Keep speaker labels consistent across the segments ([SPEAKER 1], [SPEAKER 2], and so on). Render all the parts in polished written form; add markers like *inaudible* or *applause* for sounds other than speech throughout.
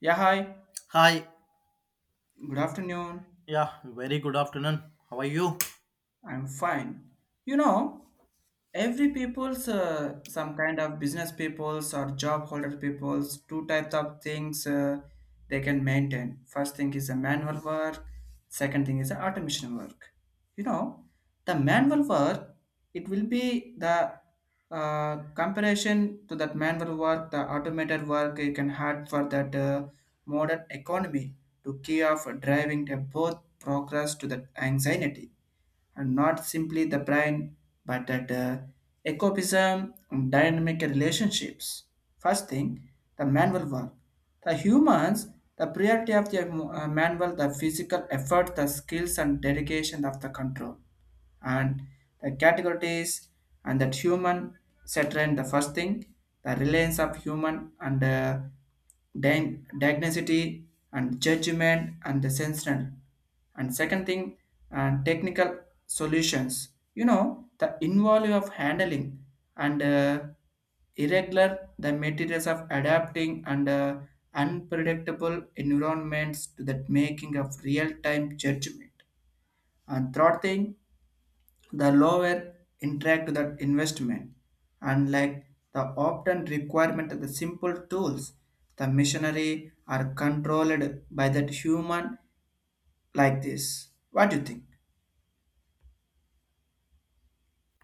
[SPEAKER 1] Yeah, hi.
[SPEAKER 2] Hi.
[SPEAKER 1] Good afternoon.
[SPEAKER 2] Yeah, very good afternoon. How are you?
[SPEAKER 1] I'm fine. You know, every people's some kind of business peoples or job holder peoples. Two types of things they can maintain. First thing is a manual work. Second thing is a automation work. You know, the manual work it will be the comparison to that manual work, the automated work you can have for that modern economy to key of driving the both progress to that anxiety and not simply the brain, but at ecopism and dynamic relationships. First thing, the manual work. The humans, the priority of the manual, the physical effort, the skills and dedication of the control and the categories and that human saturn the first thing the reliance of human and diagnosticity and judgment and the sensational and second thing and technical solutions, the involving of handling and irregular the materials of adapting and unpredictable environments to that making of real-time judgment and third thing the lower interact that investment. Unlike the often requirement of the simple tools, the machinery are controlled by that human like this. What do you think?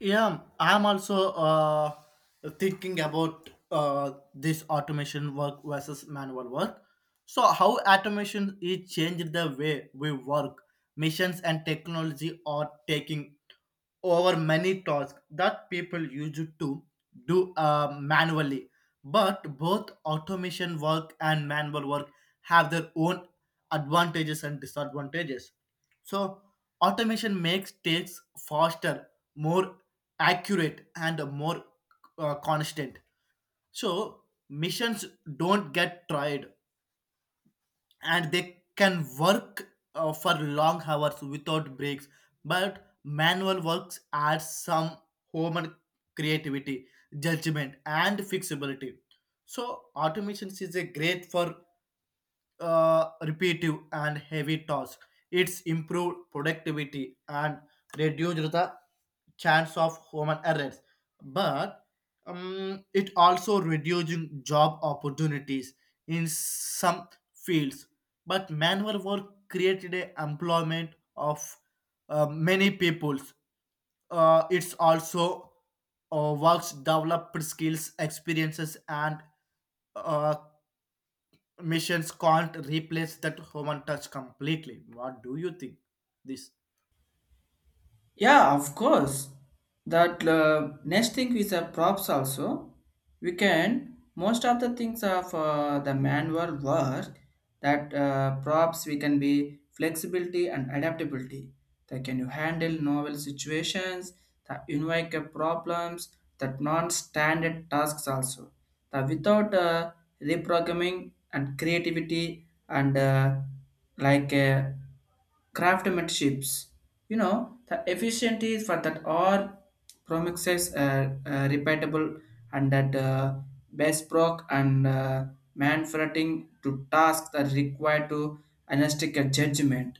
[SPEAKER 2] Yeah, I'm also thinking about this automation work versus manual work. So, how automation is changed the way we work, missions and technology are taking over many tasks that people used to do manually. But both automation work and manual work have their own advantages and disadvantages. So automation makes takes faster, more accurate, and more constant. So missions don't get tired, and they can work for long hours without breaks. But manual works adds some human creativity, judgment, and fixability. So automation is a great for repetitive and heavy tasks. It's improved productivity and reduced the chance of human errors. But it also reducing job opportunities in some fields. But manual work created a employment of many peoples. It's also works developed skills, experiences, and uh, missions can't replace that human touch completely. What do you think? This
[SPEAKER 1] Yeah, of course. That next thing is props also. We can most of the things of the manual work that props we can be flexibility and adaptability. That can you handle novel situations, the unique problems, that non-standard tasks also. That without reprogramming and creativity and like uh, craftsmanships. The efficiency for that are promises repeatable and that bespoke and manfretting to tasks that require to analytic judgment,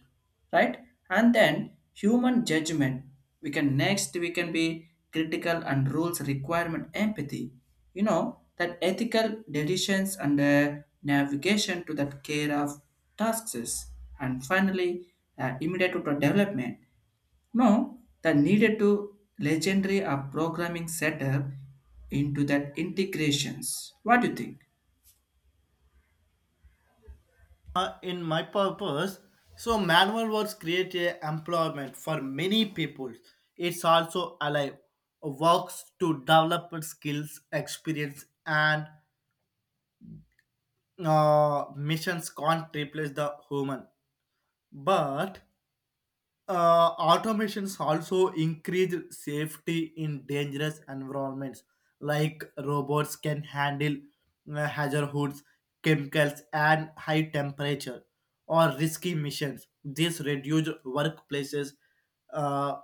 [SPEAKER 1] right, and then human judgment we can next we can be critical and rules requirement empathy, that ethical decisions and navigation to that care of tasks and finally immediate to the development, no the needed to legendary of programming setup into that integrations. What do you think?
[SPEAKER 2] in my purpose. So manual works create a employment for many people. It's also alive. Works to develop skills, experience, and missions can't replace the human. But automations also increase safety in dangerous environments like robots can handle hazards chemicals and high temperature or risky missions. This reduce workplaces uh,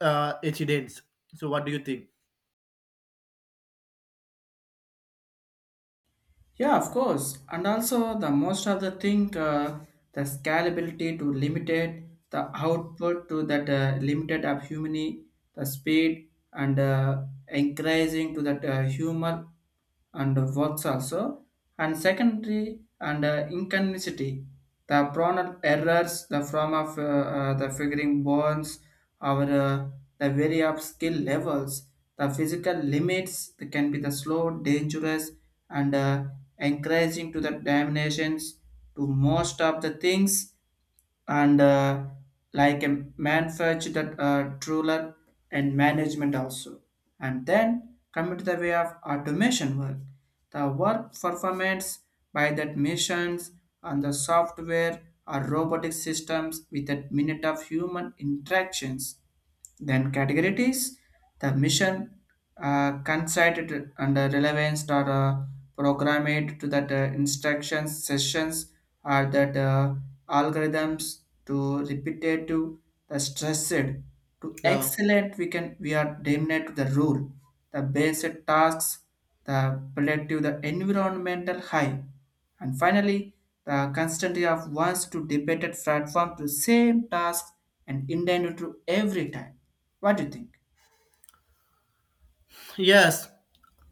[SPEAKER 2] incidents. So what do you think?
[SPEAKER 1] Yeah, of course. And also the most of the thing, the scalability to limited the output to that limited of human, the speed and increasing to that humor and works also. And secondary and inconveniency. The Bronner errors, the form of the figuring bonds, our the vary of skill levels, the physical limits that can be the slow, dangerous, and encouraging to the damnations to most of the things and like a manufactured ruler and management also and then come to the way of automation work, the work performance by that machines and the software or robotic systems with a minute of human interactions, then category it is the mission considered under relevance or programmed to that instructions sessions or that algorithms to repetitive the stressed to
[SPEAKER 2] Yeah,
[SPEAKER 1] excellent we can we are dominate the rule the basic tasks the productive the environmental high and finally the constantly of wants to debated platform to same task and intended to every time. What do you think?
[SPEAKER 2] yes,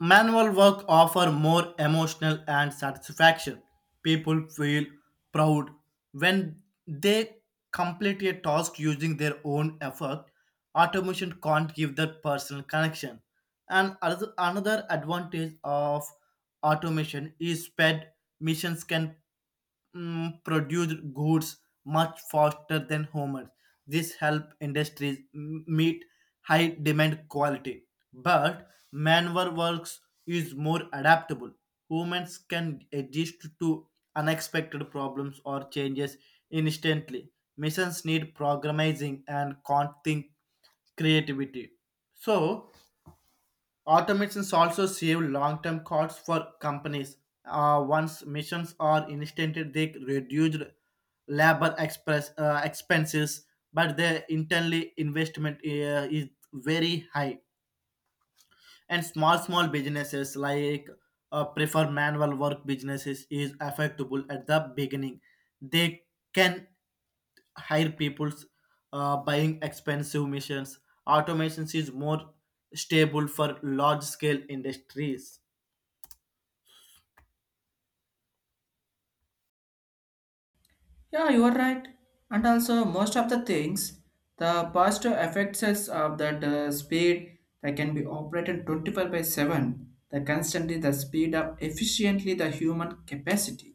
[SPEAKER 2] manual work offer more emotional and satisfaction. People feel proud when they complete a task using their own effort. Automation can't give that personal connection. And another advantage of automation is sped. Missions can produce goods much faster than humans. This help industries meet high demand quality. But manual works is more adaptable. Humans can adjust to unexpected problems or changes instantly. Missions need programming and think creativity. So automations also save long-term costs for companies. Once missions are initiated, they reduce labor express, expenses, but their internally investment is very high. And small businesses like prefer manual work businesses is affectable at the beginning. They can hire people's buying expensive missions. Automations is more stable for large scale industries.
[SPEAKER 1] Yeah, you are right. And also, most of the things, the positive effects is of that speed that can be operated 24 by 7, the constantly the speed up efficiently the human capacity.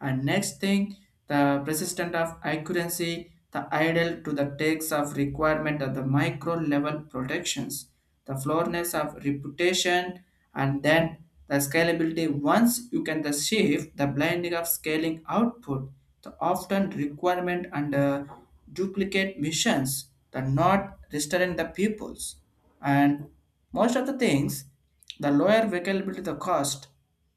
[SPEAKER 1] And next thing, the persistent of accuracy, the idle to the takes of requirement of the micro level protections the floorness of reputation, and then the scalability. Once you can the shift the blending of scaling output, the often requirement and duplicate missions that not restoring the pupils. And most of the things, the lower availability the cost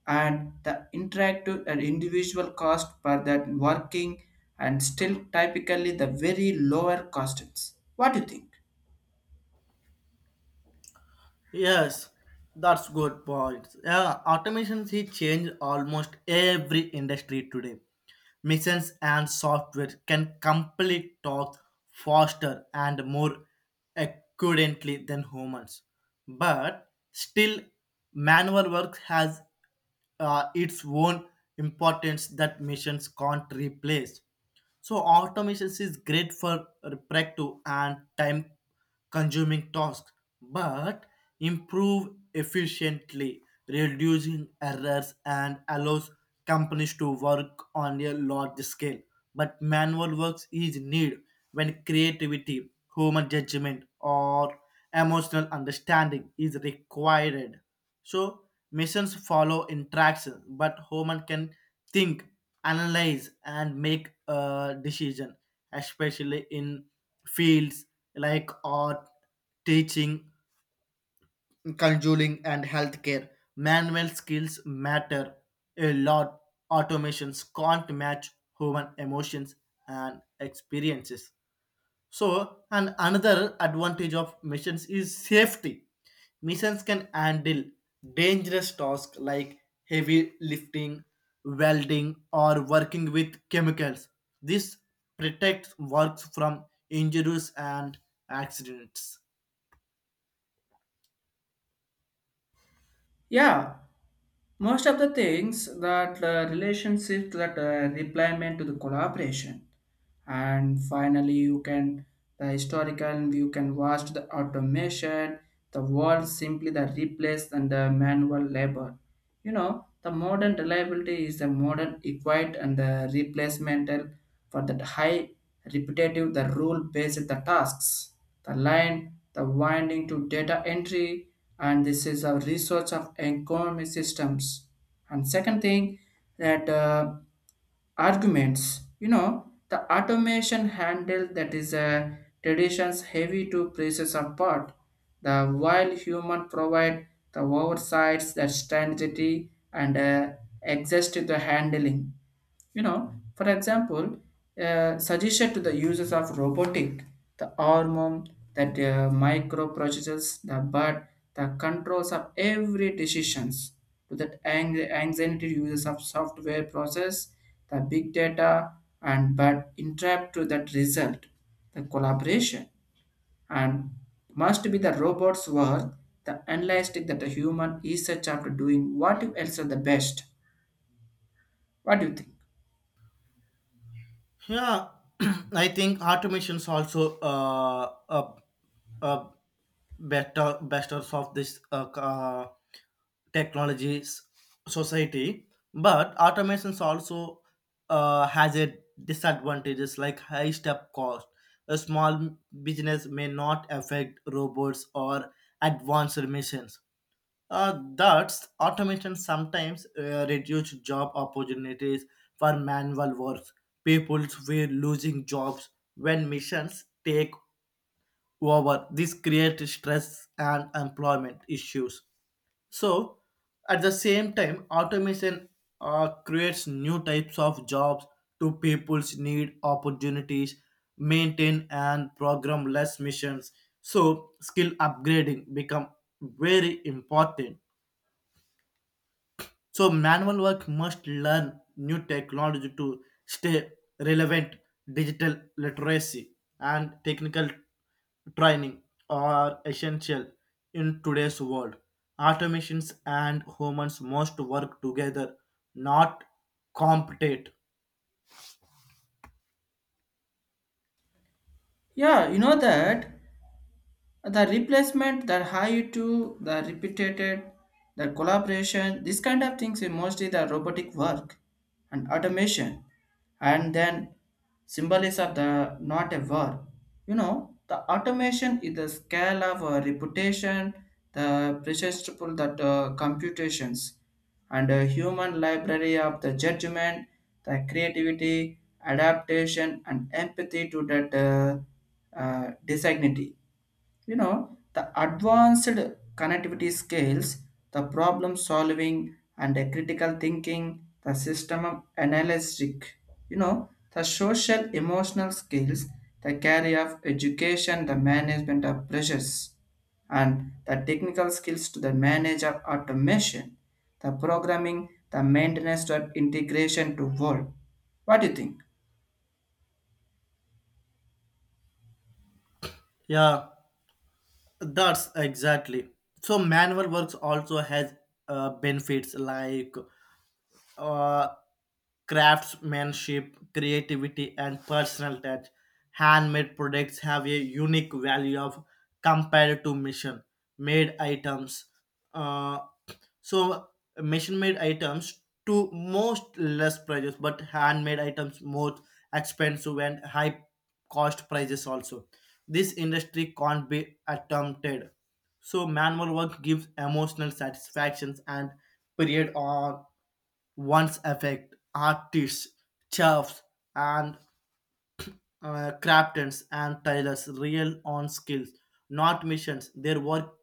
[SPEAKER 1] and the interactive and individual cost per that working and still typically the very lower costs. What do you think?
[SPEAKER 2] Yes, that's good point. Yeah, automations he changed almost every industry today. Missions and software can complete tasks faster and more accurately than humans. But still, manual work has its own importance that machines can't replace. So automation is great for repetitive and time consuming tasks, but improve efficiently, reducing errors and allows companies to work on a large scale. But manual works is need when creativity, human judgment, or emotional understanding is required. So missions follow interactions, but human can think analyze and make a decision, especially in fields like art, teaching, conjuring and healthcare. Manual skills matter a lot. Automations can't match human emotions and experiences. So, and another advantage of missions is safety. Missions can handle dangerous tasks like heavy lifting, welding, or working with chemicals. This protects works from injuries and accidents.
[SPEAKER 1] Yeah, most of the things that relationship that replement to the collaboration and finally you can the historical you can watch the automation the world simply the replace and the manual labor, the modern reliability is the modern equate and the replacemental for that high repetitive the rule based the tasks the line, the winding to data entry, and this is a resource of economy systems. And second thing that arguments, the automation handle that is a traditions heavy to places apart. The while human provide the oversights, the strategy, and exist to the handling. You know, for example, suggested to the users of robotic, the arm, that microprocessors, the but the controls of every decisions to that anxiety users of software process, the big data, and but interrupt to that result, the collaboration, and must be the robot's work, the analytic that the human is such after doing what else are the best. What do you think?
[SPEAKER 2] Yeah, *clears throat* I think automations also uh, better besters of this technologies society, but automations also has a disadvantages like high step cost. A small business may not affect robots or advanced missions, that's automation sometimes reduce job opportunities for manual work. People were losing jobs when missions take over. This creates stress and employment issues. So, at the same time, automation creates new types of jobs to people's need opportunities, maintain and program less missions. So, skill upgrading become very important. So manual work must learn new technology to stay relevant. Digital literacy and technical training are essential in today's world. Automations and humans must work together, not compete.
[SPEAKER 1] Yeah, you know that the replacement the high to the repeated the collaboration this kind of things is mostly the robotic work and automation and then symbolism of the not a war, the automation is the scale of a reputation the precious triple that computations and a human library of the judgment the creativity adaptation and empathy to that designity, you know the advanced connectivity scales the problem solving and the critical thinking the system of analytic, you know the social emotional skills the career of education the management of pressures and the technical skills to the manage of automation the programming the maintenance of integration to world. What do you think?
[SPEAKER 2] Yeah, that's exactly. So manual works also has benefits like uh, craftsmanship, creativity, and personal touch. Handmade products have a unique value of compared to machine made items. Uh, so machine made items to most less prices, but handmade items more expensive and high cost prices also. This industry can't be attempted. So manual work gives emotional satisfactions and period on. Once affect artists, chefs, and craftsmen and tailors real on skills, not missions. Their work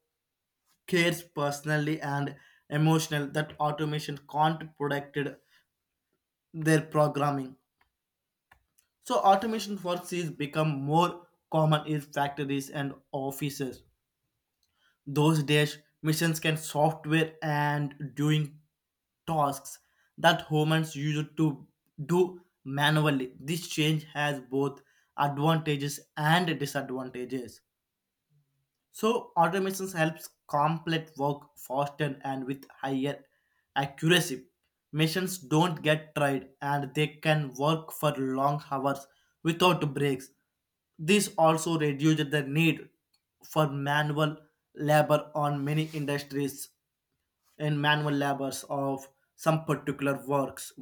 [SPEAKER 2] cares personally and emotional that automation can't protect their programming. So automation works is become more common in factories and offices. Those days, machines can software and doing tasks that humans used to do manually. This change has both advantages and disadvantages. So automations helps complete work faster and with higher accuracy. Machines don't get tired and they can work for long hours without breaks. This also reduces the need for manual labor on many industries in manual labors of some particular works.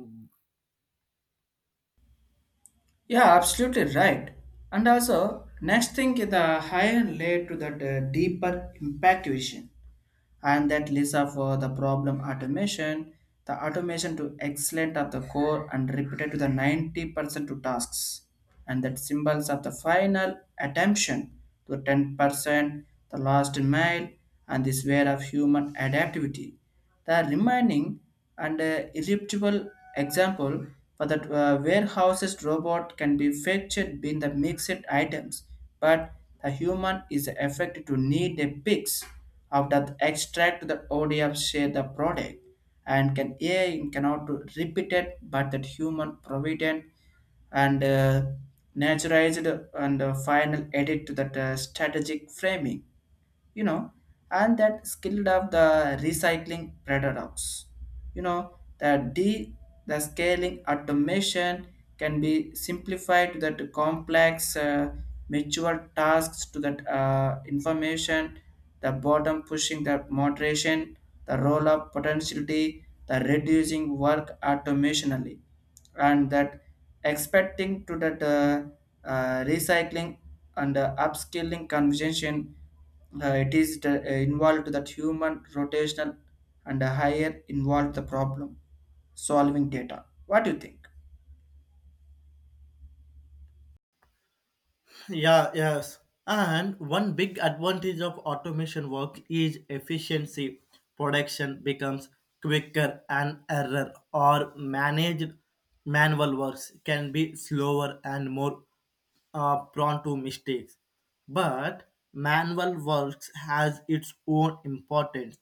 [SPEAKER 1] Yeah, absolutely right. And also, next thing is the higher layer to that deeper impact vision, and that leads up for the problem automation, the automation to excellent at the core and repeated to the 90% to tasks, and that symbols of the final attention to 10%, the last mile, and this way of human adaptivity. The remaining and irreducible example for the warehouses robot can be fetched in the mixed items, but the human is affected to need a picks of that extract the ODF share the product and can AI cannot repeat it but that human provident and naturalized and final edit to that strategic framing, you know and that skilled of the recycling paradox, you know the d the scaling automation can be simplified to that complex mature tasks to that information the bottom pushing the moderation the roll up potentiality the reducing work automationally and that expecting to that recycling and upscaling conversation, it is the, involved that human rotational and a higher involved the problem solving data. What do you think?
[SPEAKER 2] Yeah, yes. And one big advantage of automation work is efficiency. Production becomes quicker and error or managed manual works can be slower and more prone to mistakes. But manual works has its own importance.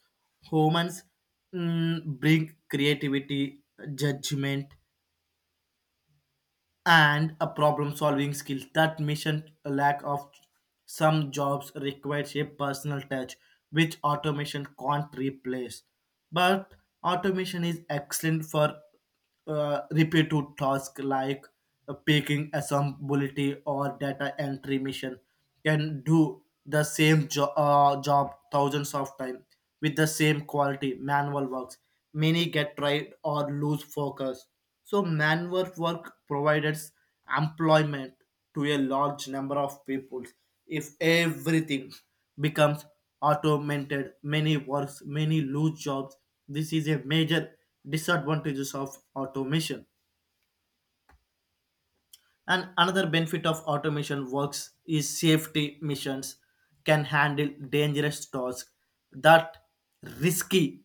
[SPEAKER 2] Humans bring creativity, judgment, and a problem solving skill that mission lack of. Some jobs requires a personal touch which automation can't replace, but automation is excellent for repetitive tasks like picking assembly or data entry. Mission can do the same job thousands of times with the same quality. Manual works many get tired or lose focus. So manual work provides employment to a large number of people. If everything becomes automated, many works, many lose jobs. This is a major disadvantages of automation. And another benefit of automation works is safety. Missions can handle dangerous tasks that risky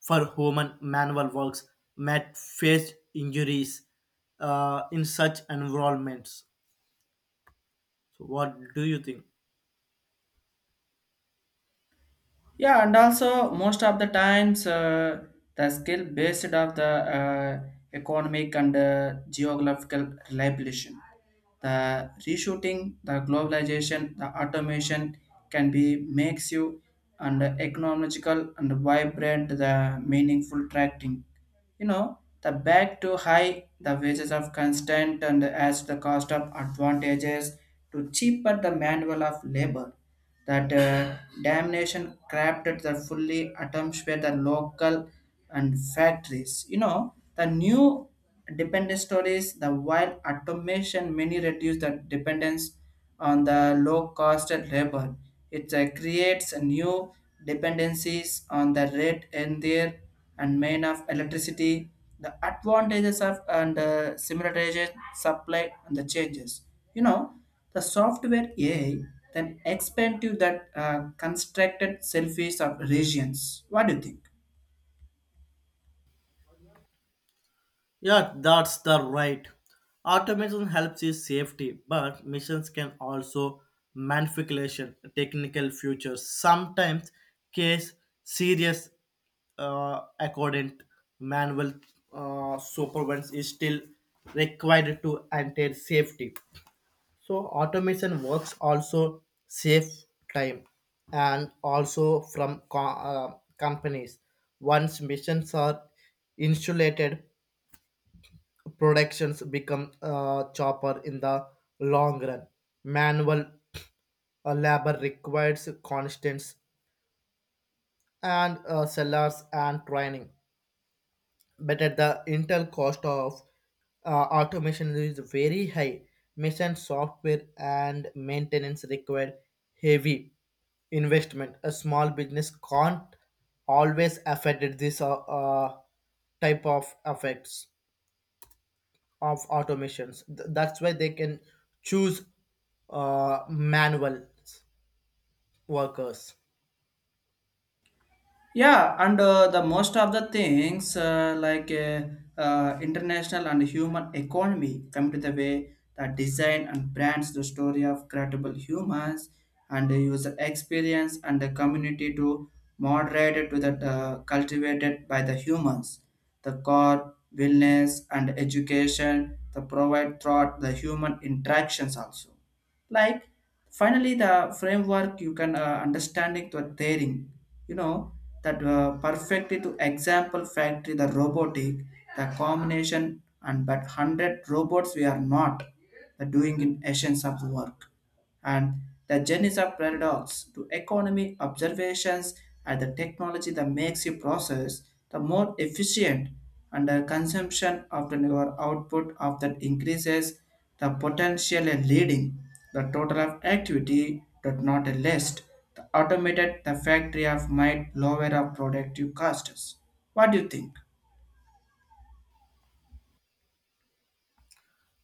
[SPEAKER 2] for human. Manual works might face injuries in such environments. So what do you think?
[SPEAKER 1] Yeah, and also most of the times the skill based of the uh, economic and geographical reliability, the reshooting, the globalization, the automation can be makes you and economical and vibrant the meaningful tracking, the back to high the wages of constant and as the cost of advantages to cheaper the manual of labor that damnation crafted the fully attempts were the local and factories, the new dependence stories the while automation many reduce the dependence on the low cost labor it creates new dependencies on the rate in their and main of electricity, the advantages of and similarities supply and the changes. You know, the software AI then expand to that constructed selfies of regions. What do you think?
[SPEAKER 2] Yeah, that's the right. Automation helps is safety, but missions can also manipulation technical features. Sometimes case serious accordant manual supervision is still required to enter safety. So automation works also save time and also from companies. Once missions are insulated, productions become chopper in the long run. Manual labor requires constant and sellers and training, but at the intel cost of automation is very high. Mission software and maintenance require heavy investment. A small business can't always afford this type of effects of automations. That's why they can choose manual workers.
[SPEAKER 1] Yeah, and the most of the things international and human economy come to the way that design and brands the story of credible humans and the user experience and the community to moderate to that cultivated by the humans the core wellness and education that provide throughout the human interactions also, like finally the framework you can understanding to daring, you know that perfectly to example factory the robotic the combination and but 100 robots we are not the doing in essence of work and the journeys of paradox to economy observations and the technology that makes you process the more efficient and the consumption of the your output of that increases the potential and leading the total of activity but not a list the automated the factory of might lower our productive costs. What do you think?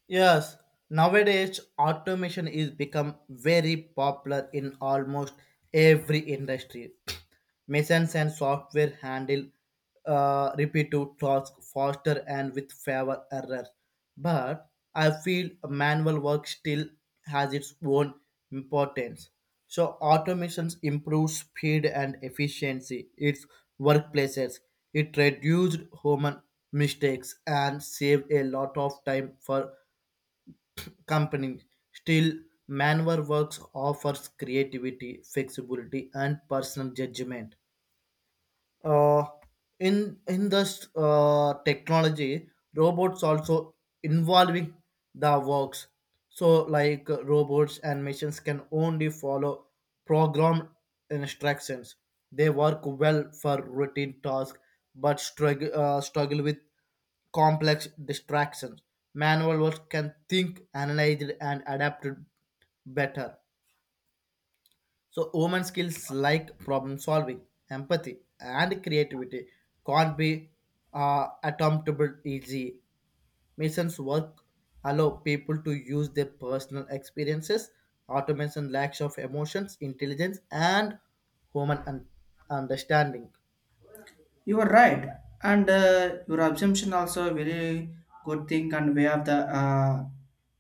[SPEAKER 2] Yes, nowadays automation is become very popular in almost every industry. *clears throat* Machines and software handle repetitive tasks faster and with fewer errors. But I feel manual work still has its own importance. So automation improves speed and efficiency. Its workplaces. It reduced human mistakes and saved a lot of time for company. Still, manual works offers creativity, flexibility, and personal judgment uh, in this technology. Robots also involving the works. So like robots and machines can only follow programmed instructions. They work well for routine tasks but struggle with complex distractions. Manual work can think analyze and adapt better. So, women skills like problem solving, empathy, and creativity can't be attemptable easy. Missions work allow people to use their personal experiences. Automation lacks of emotions, intelligence, and human understanding.
[SPEAKER 1] You are right, and your assumption also very good thing and way of the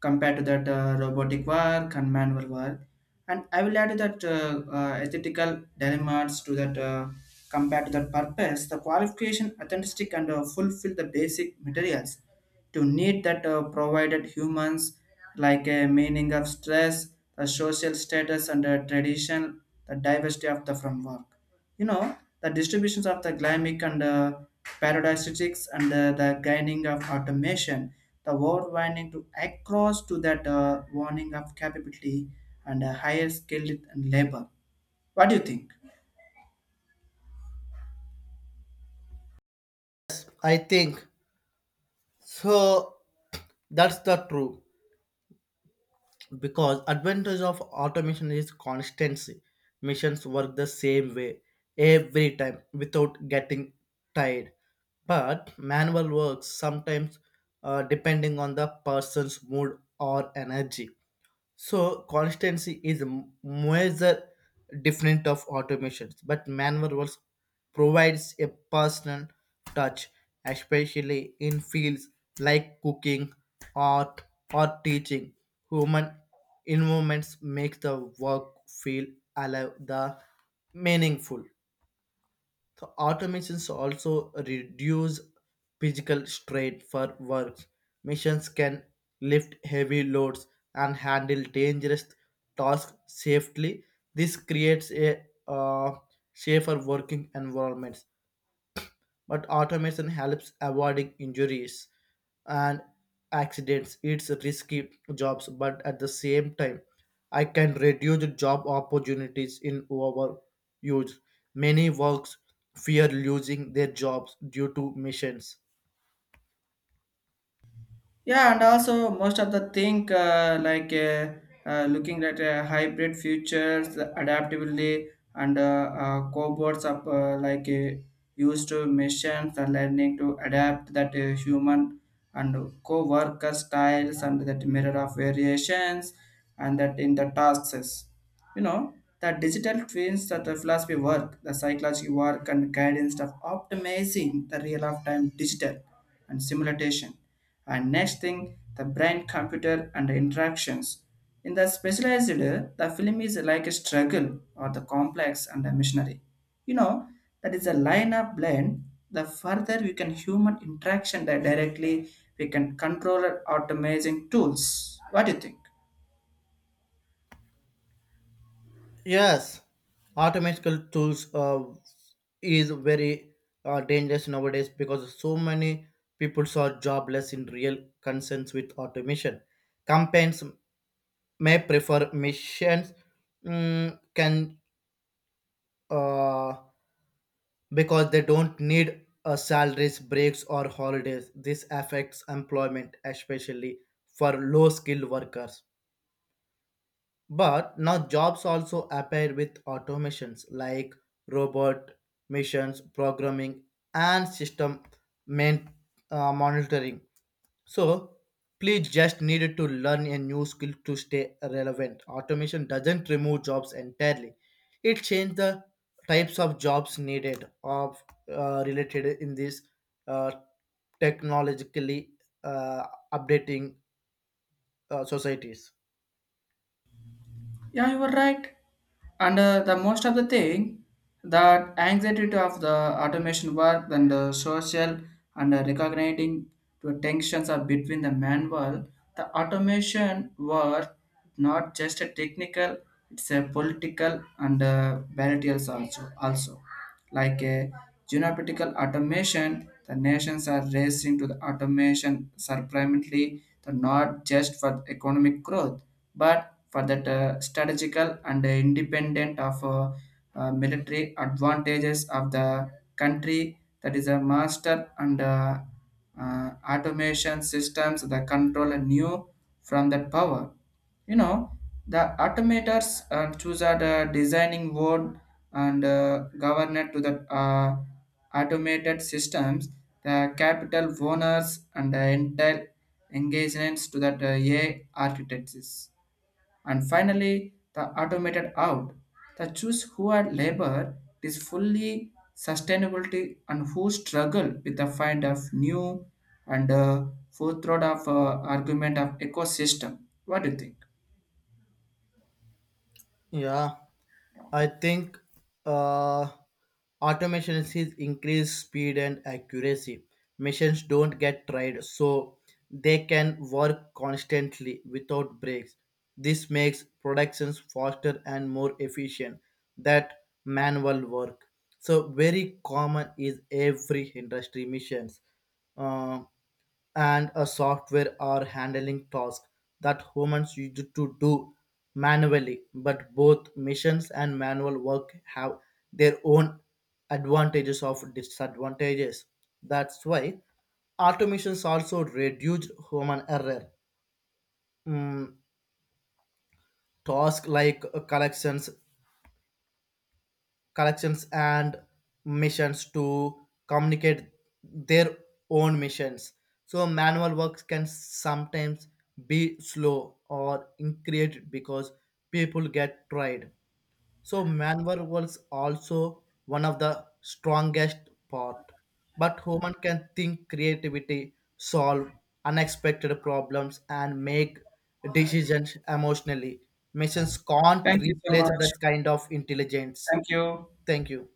[SPEAKER 1] compared to that robotic work and manual work. And I will add that ethical dilemmas to that compared to that purpose, the qualification, authentic, and fulfill the basic materials to need that provided humans like a meaning of stress, the social status, and the tradition, the diversity of the from work, you know the distributions of the glymic and paradisiacs and the gaining of automation, the world winding to across to that warning of capability and a higher skilled and labor. What do you think?
[SPEAKER 2] I think so. That's the true. Because advantage of automation is constancy. Machines work the same way every time without getting tired, but manual works sometimes depending on the person's mood or energy. So constancy is a measure different of automations, but manual works provides a personal touch, especially in fields like cooking, art, or teaching. Human involvement makes the work feel alive, the meaningful. The automations also reduce physical strain for works. Machines can lift heavy loads and handle dangerous tasks safely. This creates a safer working environment, but automation helps avoiding injuries and accidents. It's risky jobs, but at the same time, I can reduce job opportunities in overuse. Many works fear losing their jobs due to machines.
[SPEAKER 1] Yeah, and also most of the thing looking at hybrid futures, adaptability, and cohorts of used to machines and learning to adapt that human and co-worker styles and that mirror of variations and that in the tasks. You know, the digital twins that the philosophy work, the psychology work and guidance of optimizing the real of time digital and simulation and next thing the brain computer and the interactions in the specialized the film is like a struggle or the complex and the missionary, you know that is a lineup blend the further we can human interaction that directly we can control our automation tools. What do you think?
[SPEAKER 2] Yes, automatical tools is very dangerous nowadays because so many people are jobless in real concerns with automation. Campaigns may prefer missions can uh, because they don't need salaries breaks or holidays. This affects employment, especially for low skilled workers, but now jobs also appear with automations like robot missions programming and system main, monitoring. So, please just needed to learn a new skill to stay relevant. Automation doesn't remove jobs entirely. It changed the types of jobs needed of related in these uh, technologically uh, updating societies.
[SPEAKER 1] Yeah, you were right. And the most of the thing that anxiety to of the automation work and the social and recognizing the tensions are between the manual, the automation work not just a technical, it's a political and battles also like a geopolitical automation. The nations are racing to the automation, surprisingly, the not just for economic growth, but for that strategical and independent of military advantages of the country that is a master and automation systems that control a new from that power, you know the automators choose are the designing board and governor to the uh, automated systems the capital owners and the entire engagements to that AI architects and finally, the automated out. The choose who are labor is fully sustainability and who struggle with the find of new and forethought of argument of ecosystem. What do you think?
[SPEAKER 2] Yeah, I think uh, automation sees increased speed and accuracy. Machines don't get tired, so they can work constantly without breaks. This makes productions faster and more efficient than manual work. So very common is every industry missions. Uh, and a software are handling tasks that humans used to do manually. But both machines and manual work have their own advantages of disadvantages. That's why automations also reduced human error. Mm, Tasks like collections and missions to communicate their own missions. So manual works can sometimes be slow or increased because people get tired. So manual works also one of the strongest part. But human can think creativity, solve unexpected problems and make decisions emotionally. Missions can't
[SPEAKER 1] Thank you so
[SPEAKER 2] replace
[SPEAKER 1] much.
[SPEAKER 2] this kind of intelligence.
[SPEAKER 1] Thank you.
[SPEAKER 2] Thank you.